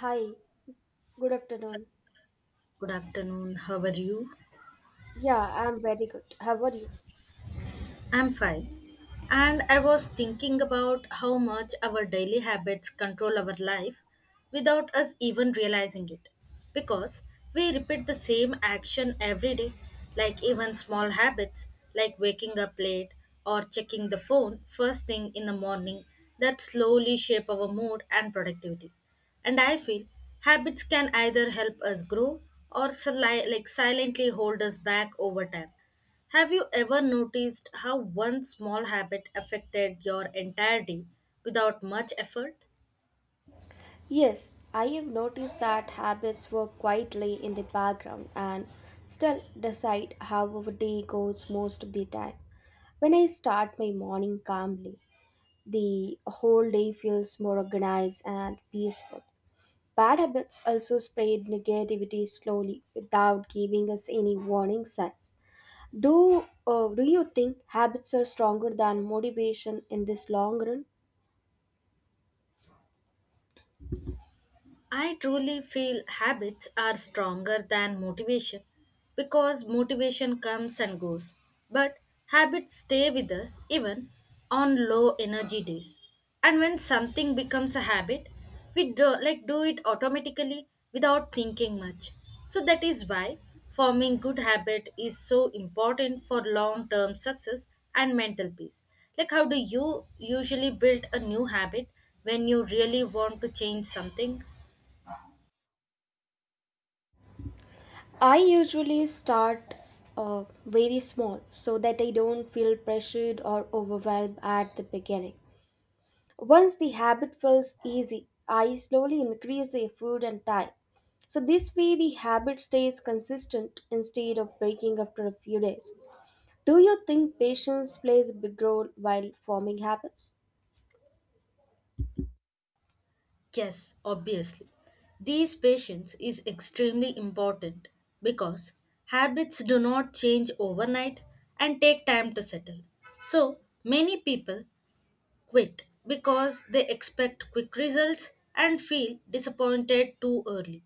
Hi, good afternoon. Good afternoon. How are you? Yeah, I'm very good. How are you? I'm fine. And I was thinking about how much our daily habits control our life without us even realizing it. Because we repeat the same action every day, like even small habits like waking up late or checking the phone first thing in the morning that slowly shape our mood and productivity. And I feel habits can either help us grow or like silently hold us back over time. Have you ever noticed how one small habit affected your entire day without much effort? Yes, I have noticed that habits work quietly in the background and still decide how our day goes most of the time. When I start my morning calmly, the whole day feels more organized and peaceful. Bad habits also spread negativity slowly without giving us any warning signs. Do you think habits are stronger than motivation in this long run? I truly feel habits are stronger than motivation because motivation comes and goes, but habits stay with us even on low energy days. And when something becomes a habit, we do, like do it automatically without thinking much. So that is why forming good habit is so important for long term success and mental peace. Like how do you usually build a new habit when you really want to change something? I usually start very small so that I don't feel pressured or overwhelmed at the beginning. Once the habit feels easy, I slowly increase the effort and time. So, this way the habit stays consistent instead of breaking after a few days. Do you think patience plays a big role while forming habits? Yes, obviously. These patience is extremely important because habits do not change overnight and take time to settle. So, many people quit because they expect quick results and feel disappointed too early.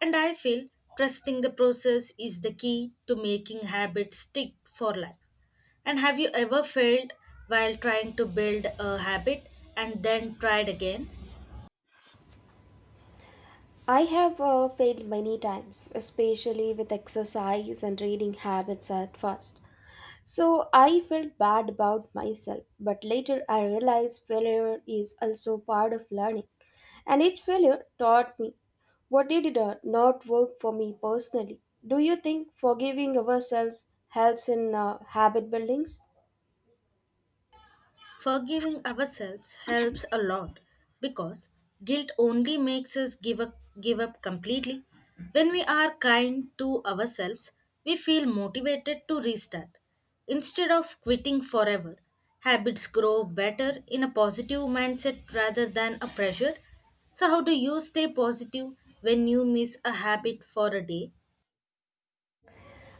And I feel trusting the process is the key to making habits stick for life. And have you ever failed while trying to build a habit and then tried again? I have failed many times, especially with exercise and reading habits at first. So I felt bad about myself, but later I realized failure is also part of learning. And each failure taught me what did not work for me personally. Do you think forgiving ourselves helps in habit buildings? Forgiving ourselves helps a lot because guilt only makes us give up completely. When we are kind to ourselves, we feel motivated to restart. Instead of quitting forever, habits grow better in a positive mindset rather than a pressure. So, how do you stay positive when you miss a habit for a day?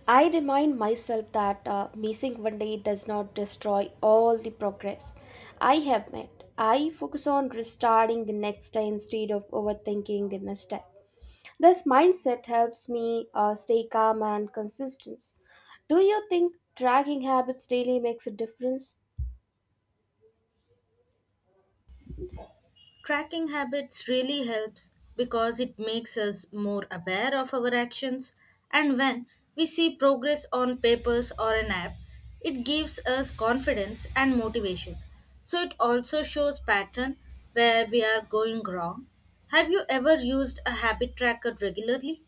I remind myself that missing one day does not destroy all the progress I have made. I focus on restarting the next day instead of overthinking the mistake. This mindset helps me stay calm and consistent. Do you think tracking habits really makes a difference? Tracking habits really helps because it makes us more aware of our actions, and when we see progress on papers or an app, it gives us confidence and motivation. So it also shows pattern where we are going wrong. Have you ever used a habit tracker regularly?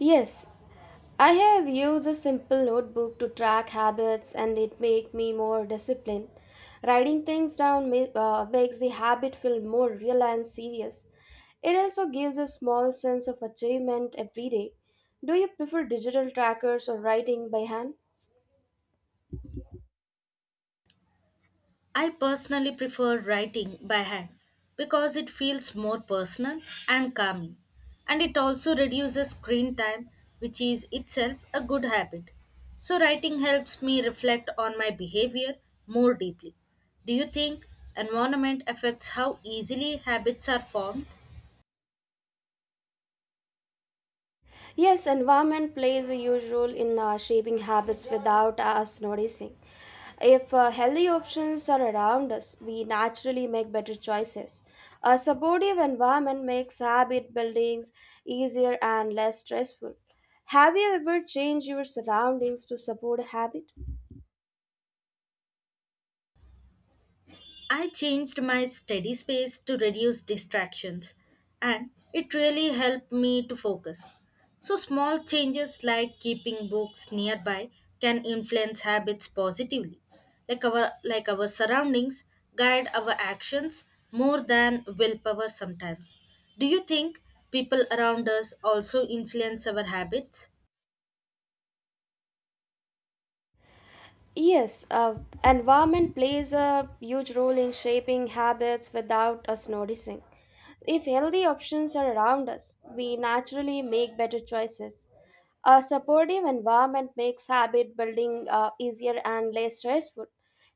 Yes, I have used a simple notebook to track habits and it make me more disciplined. Writing things down makes the habit feel more real and serious. It also gives a small sense of achievement every day. Do you prefer digital trackers or writing by hand? I personally prefer writing by hand because it feels more personal and calming, and it also reduces screen time, which is itself a good habit. So, writing helps me reflect on my behavior more deeply. Do you think environment affects how easily habits are formed? Yes, environment plays a huge role in shaping habits without us noticing. If healthy options are around us, we naturally make better choices. A supportive environment makes habit buildings easier and less stressful. Have you ever changed your surroundings to support a habit? I changed my study space to reduce distractions, and it really helped me to focus. So, small changes like keeping books nearby can influence habits positively. Like our surroundings guide our actions more than willpower sometimes. Do you think people around us also influence our habits? Yes, environment plays a huge role in shaping habits without us noticing. If healthy options are around us, we naturally make better choices. A supportive environment makes habit building easier and less stressful.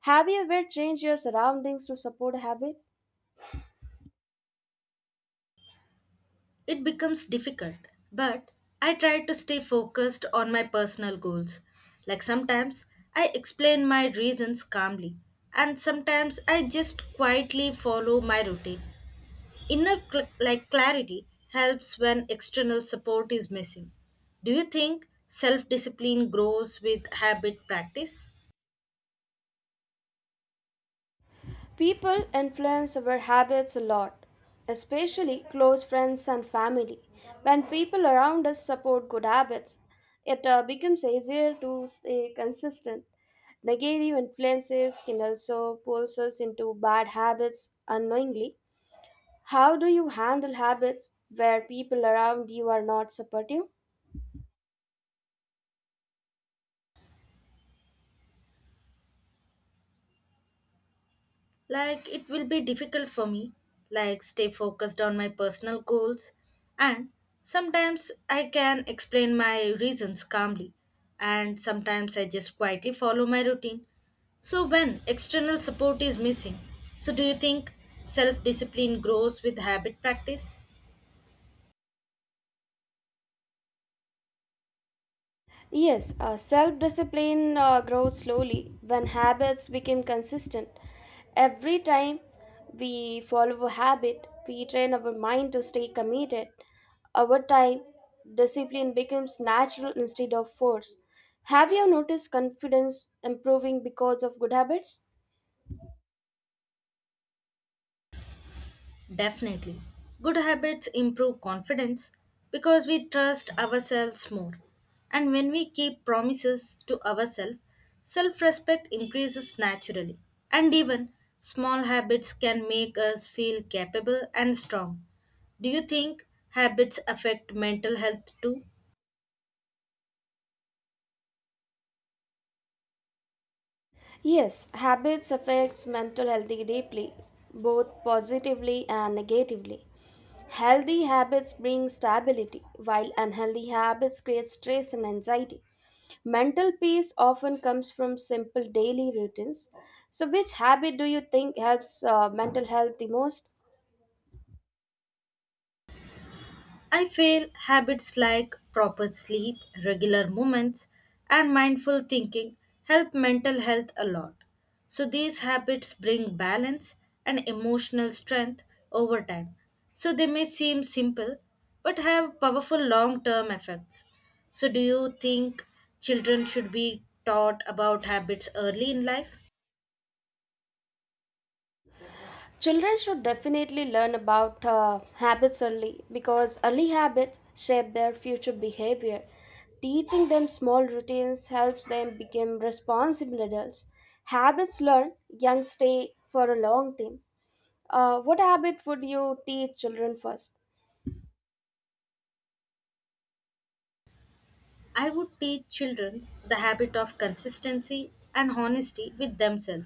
Have you ever changed your surroundings to support habit? It becomes difficult. But I try to stay focused on my personal goals. Like sometimes I explain my reasons calmly, and sometimes I just quietly follow my routine. Like clarity helps when external support is missing. Do you think self discipline grows with habit practice? People influence our habits a lot, especially close friends and family. When people around us support good habits, it becomes easier to stay consistent. Negative influences can also pull us into bad habits unknowingly. How do you handle habits where people around you are not supportive? Like, it will be difficult for me, like, stay focused on my personal goals, and sometimes I can explain my reasons calmly, and sometimes I just quietly follow my routine. So, when external support is missing, so do you think self discipline grows with habit practice? Yes, self discipline grows slowly when habits become consistent. Every time we follow a habit, we train our mind to stay committed. Over time, discipline becomes natural instead of force. Have you noticed confidence improving because of good habits? Definitely. Good habits improve confidence because we trust ourselves more. And when we keep promises to ourselves, self respect increases naturally. And even small habits can make us feel capable and strong. Do you think habits affect mental health too? Yes, habits affects mental health deeply, both positively and negatively. Healthy habits bring stability, while unhealthy habits create stress and anxiety. Mental peace often comes from simple daily routines. So, which habit do you think helps mental health the most? I feel habits like proper sleep, regular movements, and mindful thinking help mental health a lot. So these habits bring balance and emotional strength over time. So they may seem simple but have powerful long-term effects. So do you think children should be taught about habits early in life? Children should definitely learn about habits early because early habits shape their future behavior. Teaching them small routines helps them become responsible adults. Habits learned, young stay for a long time. What habit would you teach children first? I would teach children the habit of consistency and honesty with themselves,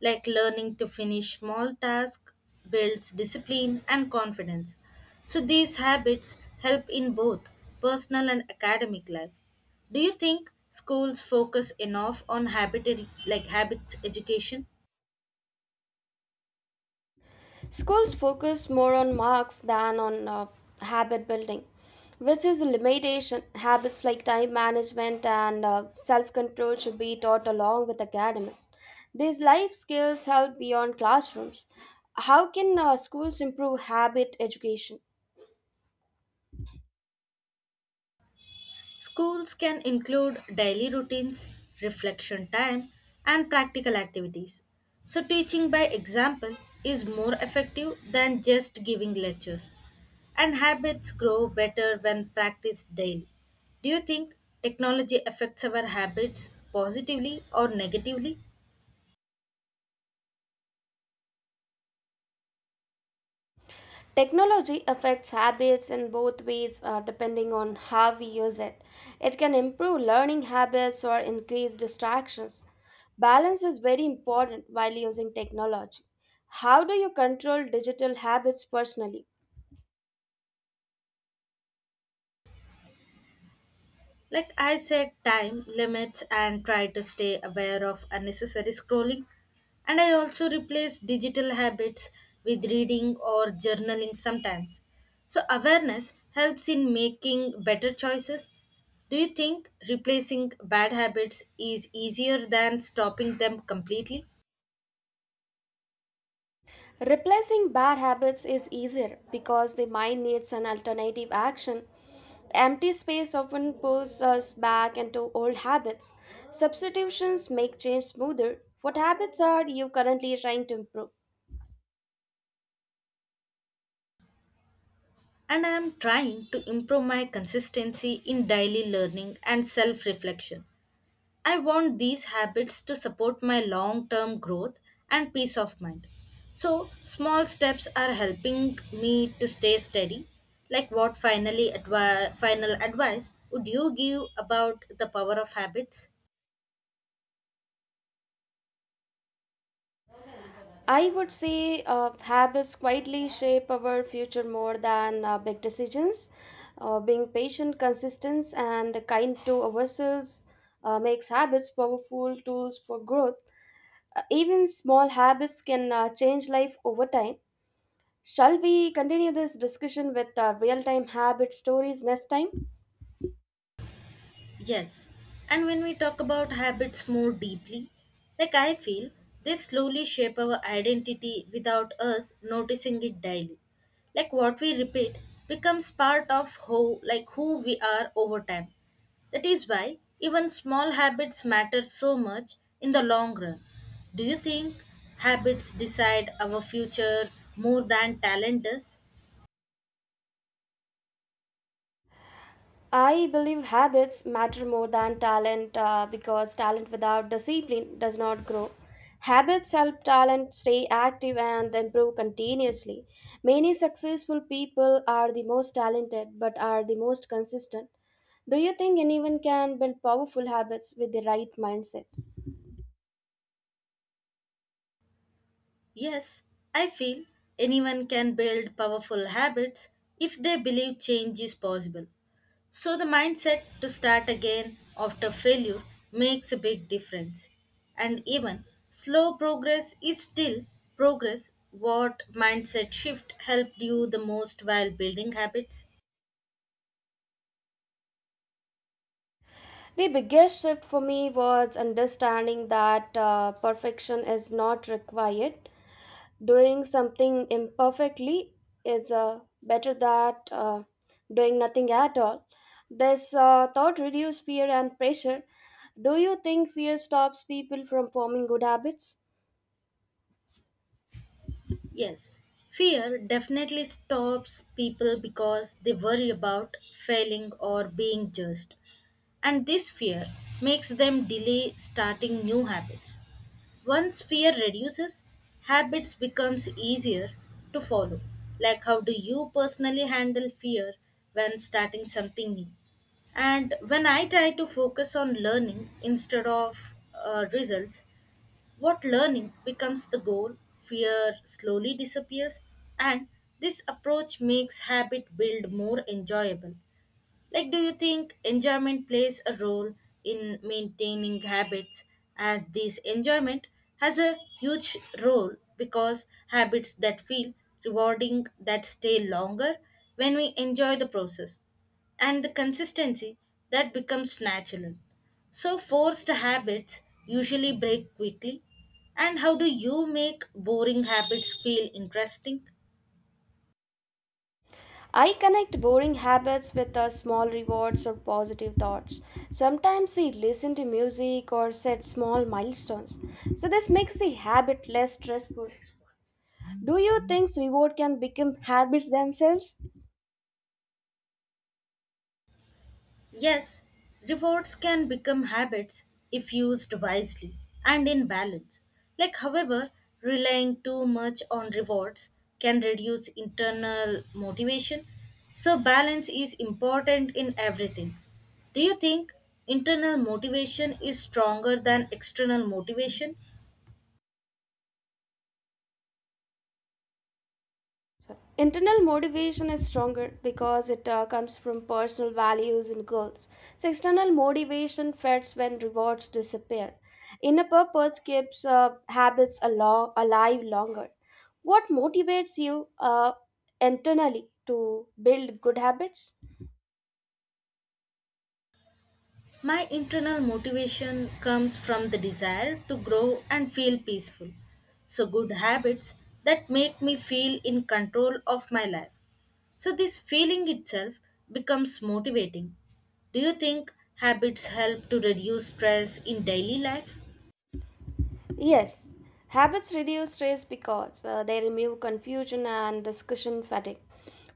like learning to finish small tasks builds discipline and confidence. So these habits help in both personal and academic life. Do you think schools focus enough on habits education? Schools focus more on marks than on habit building, which is a limitation. Habits like time management and self control should be taught along with academic. These life skills help beyond classrooms. How can schools improve habit education? Schools can include daily routines, reflection time, and practical activities. So, teaching by example is more effective than just giving lectures. And habits grow better when practiced daily. Do you think technology affects our habits positively or negatively? Technology affects habits in both ways depending on how we use it. It can improve learning habits or increase distractions. Balance is very important while using technology. How do you control digital habits personally? Like I set time limits and try to stay aware of unnecessary scrolling. And I also replace digital habits with reading or journaling sometimes. So awareness helps in making better choices. Do you think replacing bad habits is easier than stopping them completely? Replacing bad habits is easier because the mind needs an alternative action. Empty space often pulls us back into old habits. Substitutions make change smoother. What habits are you currently trying to improve? And I am trying to improve my consistency in daily learning and self reflection. I want these habits to support my long term growth and peace of mind. So, small steps are helping me to stay steady. Like, what final advice would you give about the power of habits? I would say habits quietly shape our future more than big decisions. Being patient, consistent, and kind to ourselves makes habits powerful tools for growth. Even small habits can change life over time. Shall we continue this discussion with real time habit stories next time? Yes, and when we talk about habits more deeply, like I feel, they slowly shape our identity without us noticing it daily. Like what we repeat becomes part of how like who we are over time. That is why even small habits matter so much in the long run. Do you think habits decide our future more than talent does? I believe habits matter more than talent because talent without discipline does not grow. Habits help talent stay active and improve continuously. Many successful people are the most talented but are the most consistent. Do you think anyone can build powerful habits with the right mindset? Yes, I feel anyone can build powerful habits if they believe change is possible. So, the mindset to start again after failure makes a big difference. And even slow progress is still progress. What mindset shift helped you the most while building habits? The biggest shift for me was understanding that perfection is not required. Doing something imperfectly is better than doing nothing at all. This thought reduces fear and pressure. Do you think fear stops people from forming good habits? Yes, fear definitely stops people because they worry about failing or being judged. And this fear makes them delay starting new habits. Once fear reduces, habits becomes easier to follow. Like how do you personally handle fear when starting something new? And when I try to focus on learning instead of results, what learning becomes the goal, fear slowly disappears, and this approach makes habit build more enjoyable. Like, do you think enjoyment plays a role in maintaining habits, as this enjoyment has a huge role because habits that feel rewarding that stay longer when we enjoy the process and the consistency that becomes natural. So, forced habits usually break quickly. And how do you make boring habits feel interesting? I connect boring habits with small rewards or positive thoughts. Sometimes they listen to music or set small milestones. So, this makes the habit less stressful. Do you think reward can become habits themselves? Yes, rewards can become habits if used wisely and in balance. Like, however, relying too much on rewards can reduce internal motivation. So, balance is important in everything. Do you think internal motivation is stronger than external motivation? Sorry. Internal motivation is stronger because it comes from personal values and goals. So, external motivation fades when rewards disappear. Inner purpose keeps habits alive longer. What motivates you internally to build good habits? My internal motivation comes from the desire to grow and feel peaceful. So, good habits that make me feel in control of my life. So, this feeling itself becomes motivating. Do you think habits help to reduce stress in daily life? Yes, habits reduce stress because they remove confusion and discussion fatigue.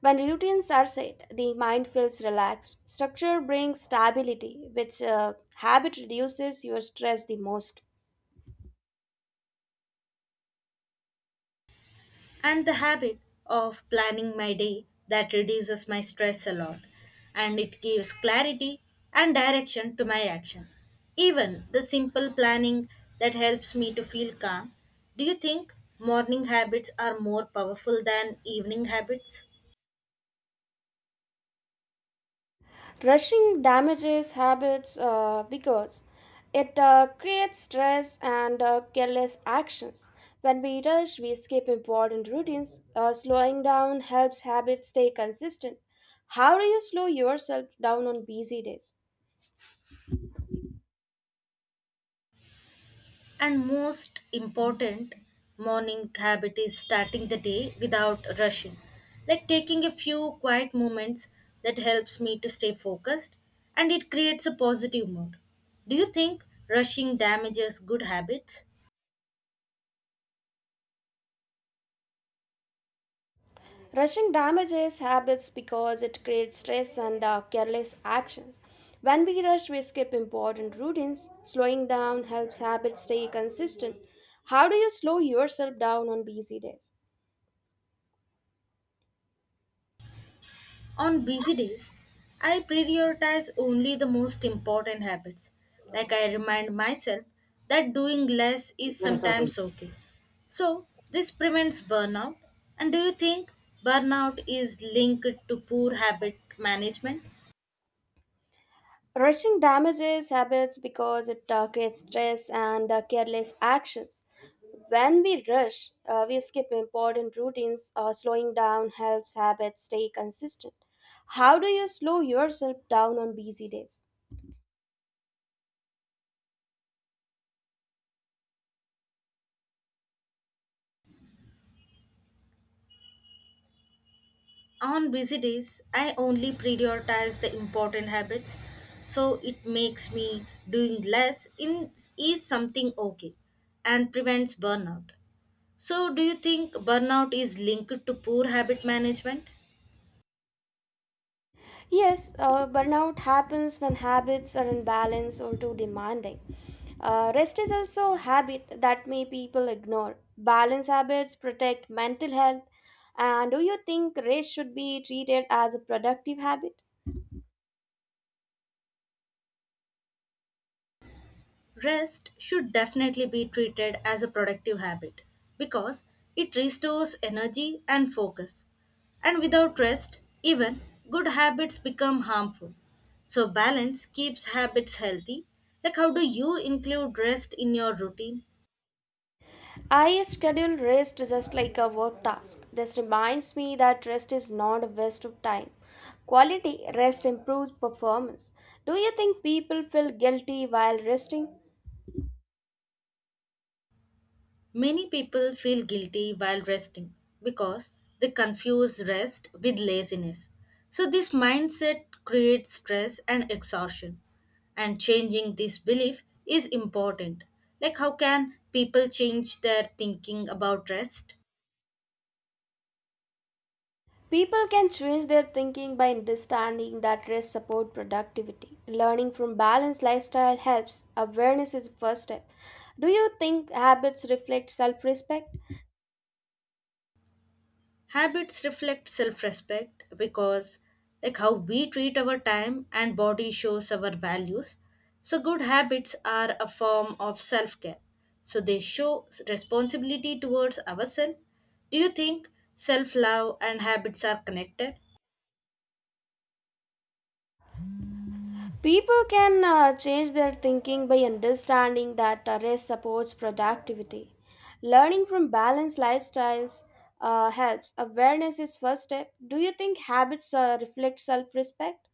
When routines are set, the mind feels relaxed. Structure brings stability, which habit reduces your stress the most. And the habit of planning my day that reduces my stress a lot and it gives clarity and direction to my action. Even the simple planning that helps me to feel calm. Do you think morning habits are more powerful than evening habits? Rushing damages habits because it creates stress and careless actions. When we rush, we skip important routines. Slowing down helps habits stay consistent. How do you slow yourself down on busy days? And most important, morning habit is starting the day without rushing, like taking a few quiet moments that helps me to stay focused and it creates a positive mood. Do you think rushing damages good habits? Rushing damages habits because it creates stress and careless actions. When we rush, we skip important routines. Slowing down helps habits stay consistent. How do you slow yourself down on busy days? On busy days, I prioritize only the most important habits. Like I remind myself that doing less is sometimes okay. So, this prevents burnout. And do you think burnout is linked to poor habit management? Rushing damages habits because it creates stress and careless actions. When we rush, we skip important routines. Slowing down helps habits stay consistent. How do you slow yourself down on busy days? On busy days, I only prioritize the important habits. So, it makes me doing less in, is something okay and prevents burnout. So, do you think burnout is linked to poor habit management? Yes, burnout happens when habits are unbalanced or too demanding. Rest is also a habit that may people ignore. Balance habits protect mental health. And do you think rest should be treated as a productive habit? Rest should definitely be treated as a productive habit because it restores energy and focus. And without rest, even good habits become harmful. So, balance keeps habits healthy. Like, how do you include rest in your routine? I schedule rest just like a work task. This reminds me that rest is not a waste of time. Quality rest improves performance. Do you think people feel guilty while resting? Many people feel guilty while resting because they confuse rest with laziness. So, this mindset creates stress and exhaustion. And changing this belief is important. Like, how can people change their thinking about rest? People can change their thinking by understanding that rest support productivity. Learning from balanced lifestyle helps. Awareness is the first step. Do you think habits reflect self-respect? Habits reflect self respect because, like, how we treat our time and body shows our values. So, good habits are a form of self care. So, they show responsibility towards ourselves. Do you think self love and habits are connected? People can change their thinking by understanding that rest supports productivity. Learning from balanced lifestyles helps. Awareness is first step. Do you think habits reflect self-respect?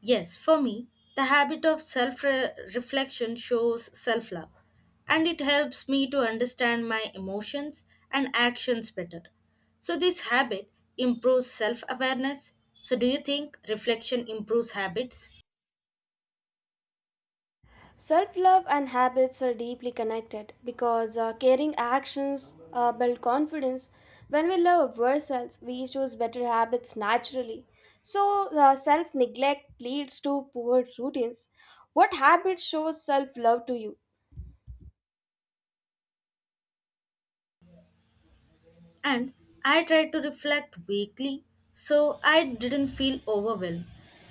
Yes, for me, the habit of self reflection shows self love and it helps me to understand my emotions and actions better. So, this habit improves self awareness. So, do you think reflection improves habits? Self love and habits are deeply connected because caring actions build confidence. When we love ourselves, we choose better habits naturally. So, self neglect leads to poor routines. What habit shows self love to you? And I tried to reflect weekly so I didn't feel overwhelmed.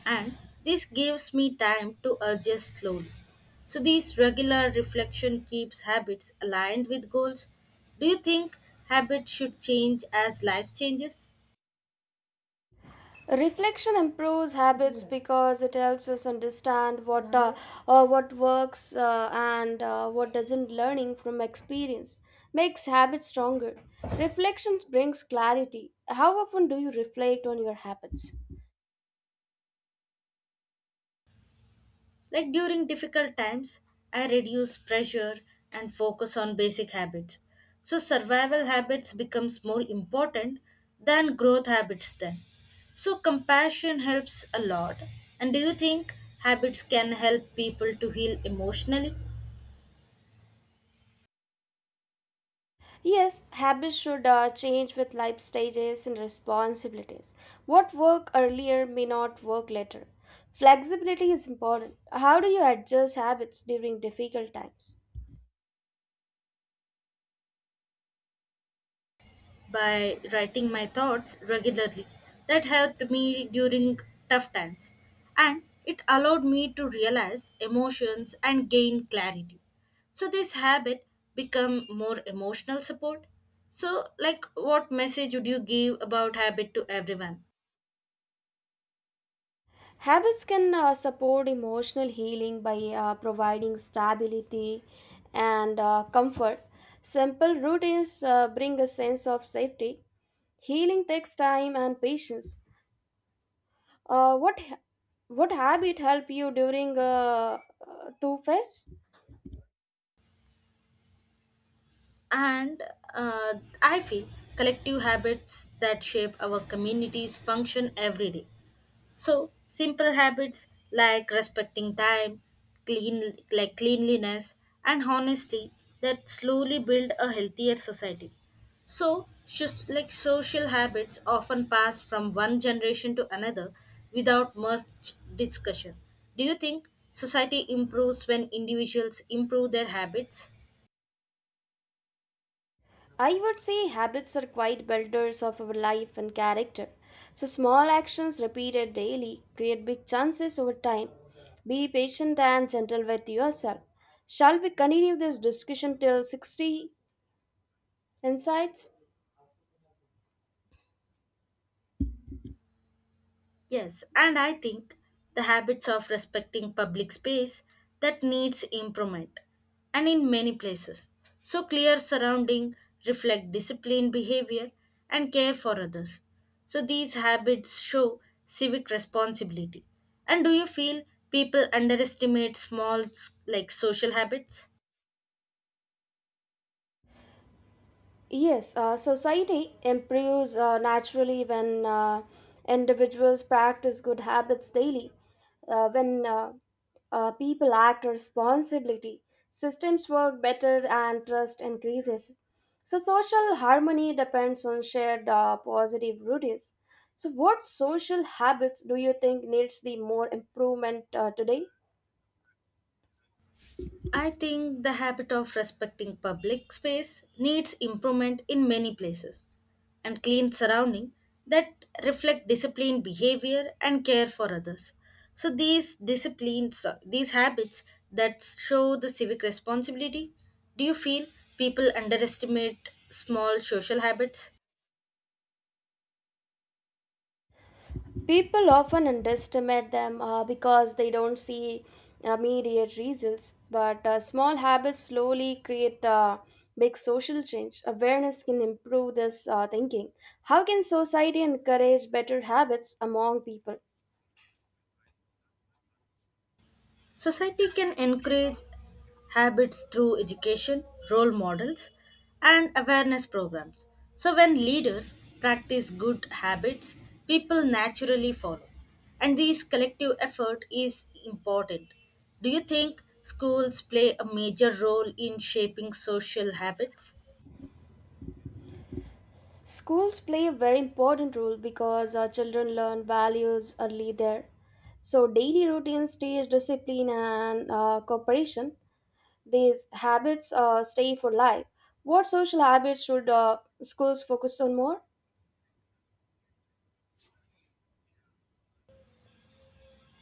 And this gives me time to adjust slowly. So, this regular reflection keeps habits aligned with goals. Do you think habits should change as life changes? Reflection improves habits because it helps us understand what works and what doesn't. Learning from experience makes habits stronger. Reflection brings clarity. How often do you reflect on your habits? Like during difficult times, I reduce pressure and focus on basic habits. So survival habits becomes more important than growth habits then. So compassion helps a lot. And do you think habits can help people to heal emotionally? Yes, habits should change with life stages and responsibilities. What worked earlier may not work later. Flexibility is important. How do you adjust habits during difficult times? By writing my thoughts regularly. That helped me during tough times, and it allowed me to realize emotions and gain clarity. So this habit become more emotional support. So like what message would you give about habit to everyone? Habits can support emotional healing by providing stability and comfort. Simple routines bring a sense of safety. Healing takes time and patience. Uh, what what habit help you during two phase? And uh, I feel collective habits that shape our communities function every day. So simple habits like respecting time, clean like cleanliness, and honesty that slowly build a healthier society. So just like social habits often pass from one generation to another without much discussion. Do you think society improves when individuals improve their habits? I would say habits are quite builders of our life and character. So, small actions repeated daily create big chances over time. Be patient and gentle with yourself. Shall we continue this discussion till 60 insights? Yes, and I think the habits of respecting public space that needs improvement and in many places. So clear surrounding reflect disciplined behavior and care for others. So these habits show civic responsibility. And do you feel people underestimate small social habits? Yes, society improves naturally when individuals practice good habits daily. When People act responsibility, systems work better and trust increases. So, social harmony depends on shared positive routines. So, what social habits do you think needs the more improvement today? I think the habit of respecting public space needs improvement in many places and clean surrounding that reflect disciplined behavior and care for others. So these disciplines so these habits that show the civic responsibility, do you feel people underestimate small social habits? People often underestimate them because they don't see immediate results, but small habits slowly create big social change. Awareness can improve this thinking. How can society encourage better habits among people? Society can encourage habits through education, role models, and awareness programs. So, when leaders practice good habits, people naturally follow. And this collective effort is important. Do you think schools play a major role in shaping social habits? Schools play a very important role because our children learn values early there. So, daily routines teach discipline and cooperation. These habits stay for life. What social habits should schools focus on more?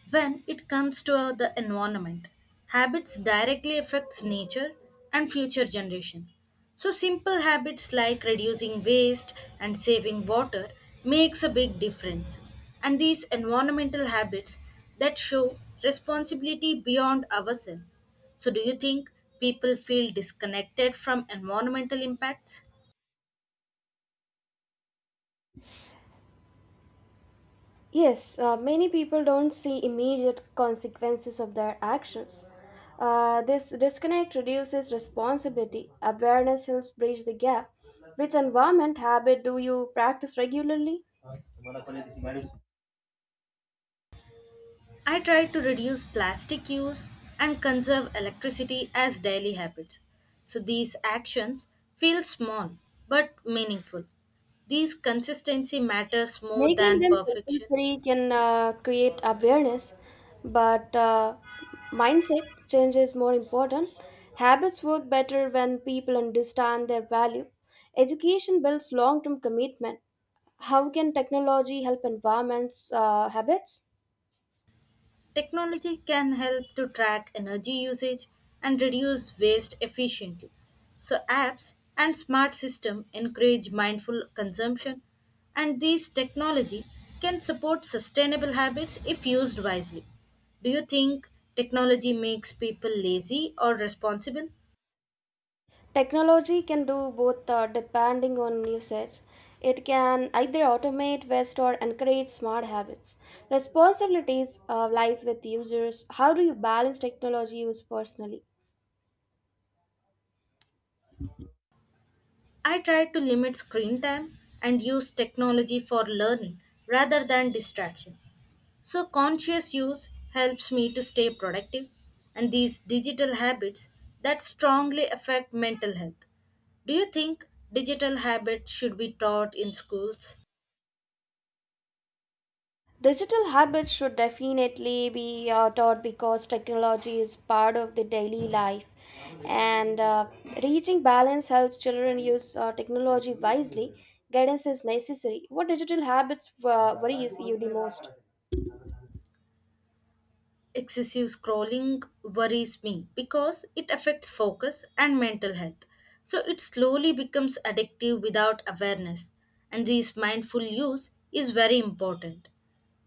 When it comes to the environment, habits directly affects nature and future generation. So simple habits like reducing waste and saving water makes a big difference. And these environmental habits that show responsibility beyond ourselves. So do you think people feel disconnected from environmental impacts? Yes, many people don't see immediate consequences of their actions. This disconnect reduces responsibility. Awareness helps bridge the gap. Which environment habit do you practice regularly? I try to reduce plastic use and conserve electricity as daily habits. So these actions feel small but meaningful. These consistency matters more Making than them perfection. compulsory can create awareness but mindset change is more important. Habits work better when people understand their value. Education builds long-term commitment. How can technology help environments habits? Technology can help to track energy usage and reduce waste efficiently. So, apps and smart systems encourage mindful consumption, and these technology can support sustainable habits if used wisely. Do you think technology makes people lazy or responsible? Technology can do both depending on usage. It can either automate, waste, or encourage smart habits. Responsibilities lies with users. How do you balance technology use personally? I try to limit screen time and use technology for learning rather than distraction. So, conscious use helps me to stay productive, and these digital habits that strongly affect mental health. Do you think digital habits should be taught in schools? Digital habits should definitely be taught because technology is part of the daily life. And Reaching balance helps children use technology wisely. Guidance is necessary. What digital habits worries you the most? Excessive scrolling worries me because it affects focus and mental health. So it slowly becomes addictive without awareness, and this mindful use is very important.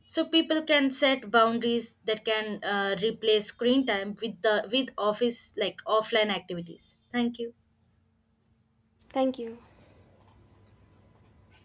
So people can set boundaries that can replace screen time with the with office like offline activities. Thank you. Thank you.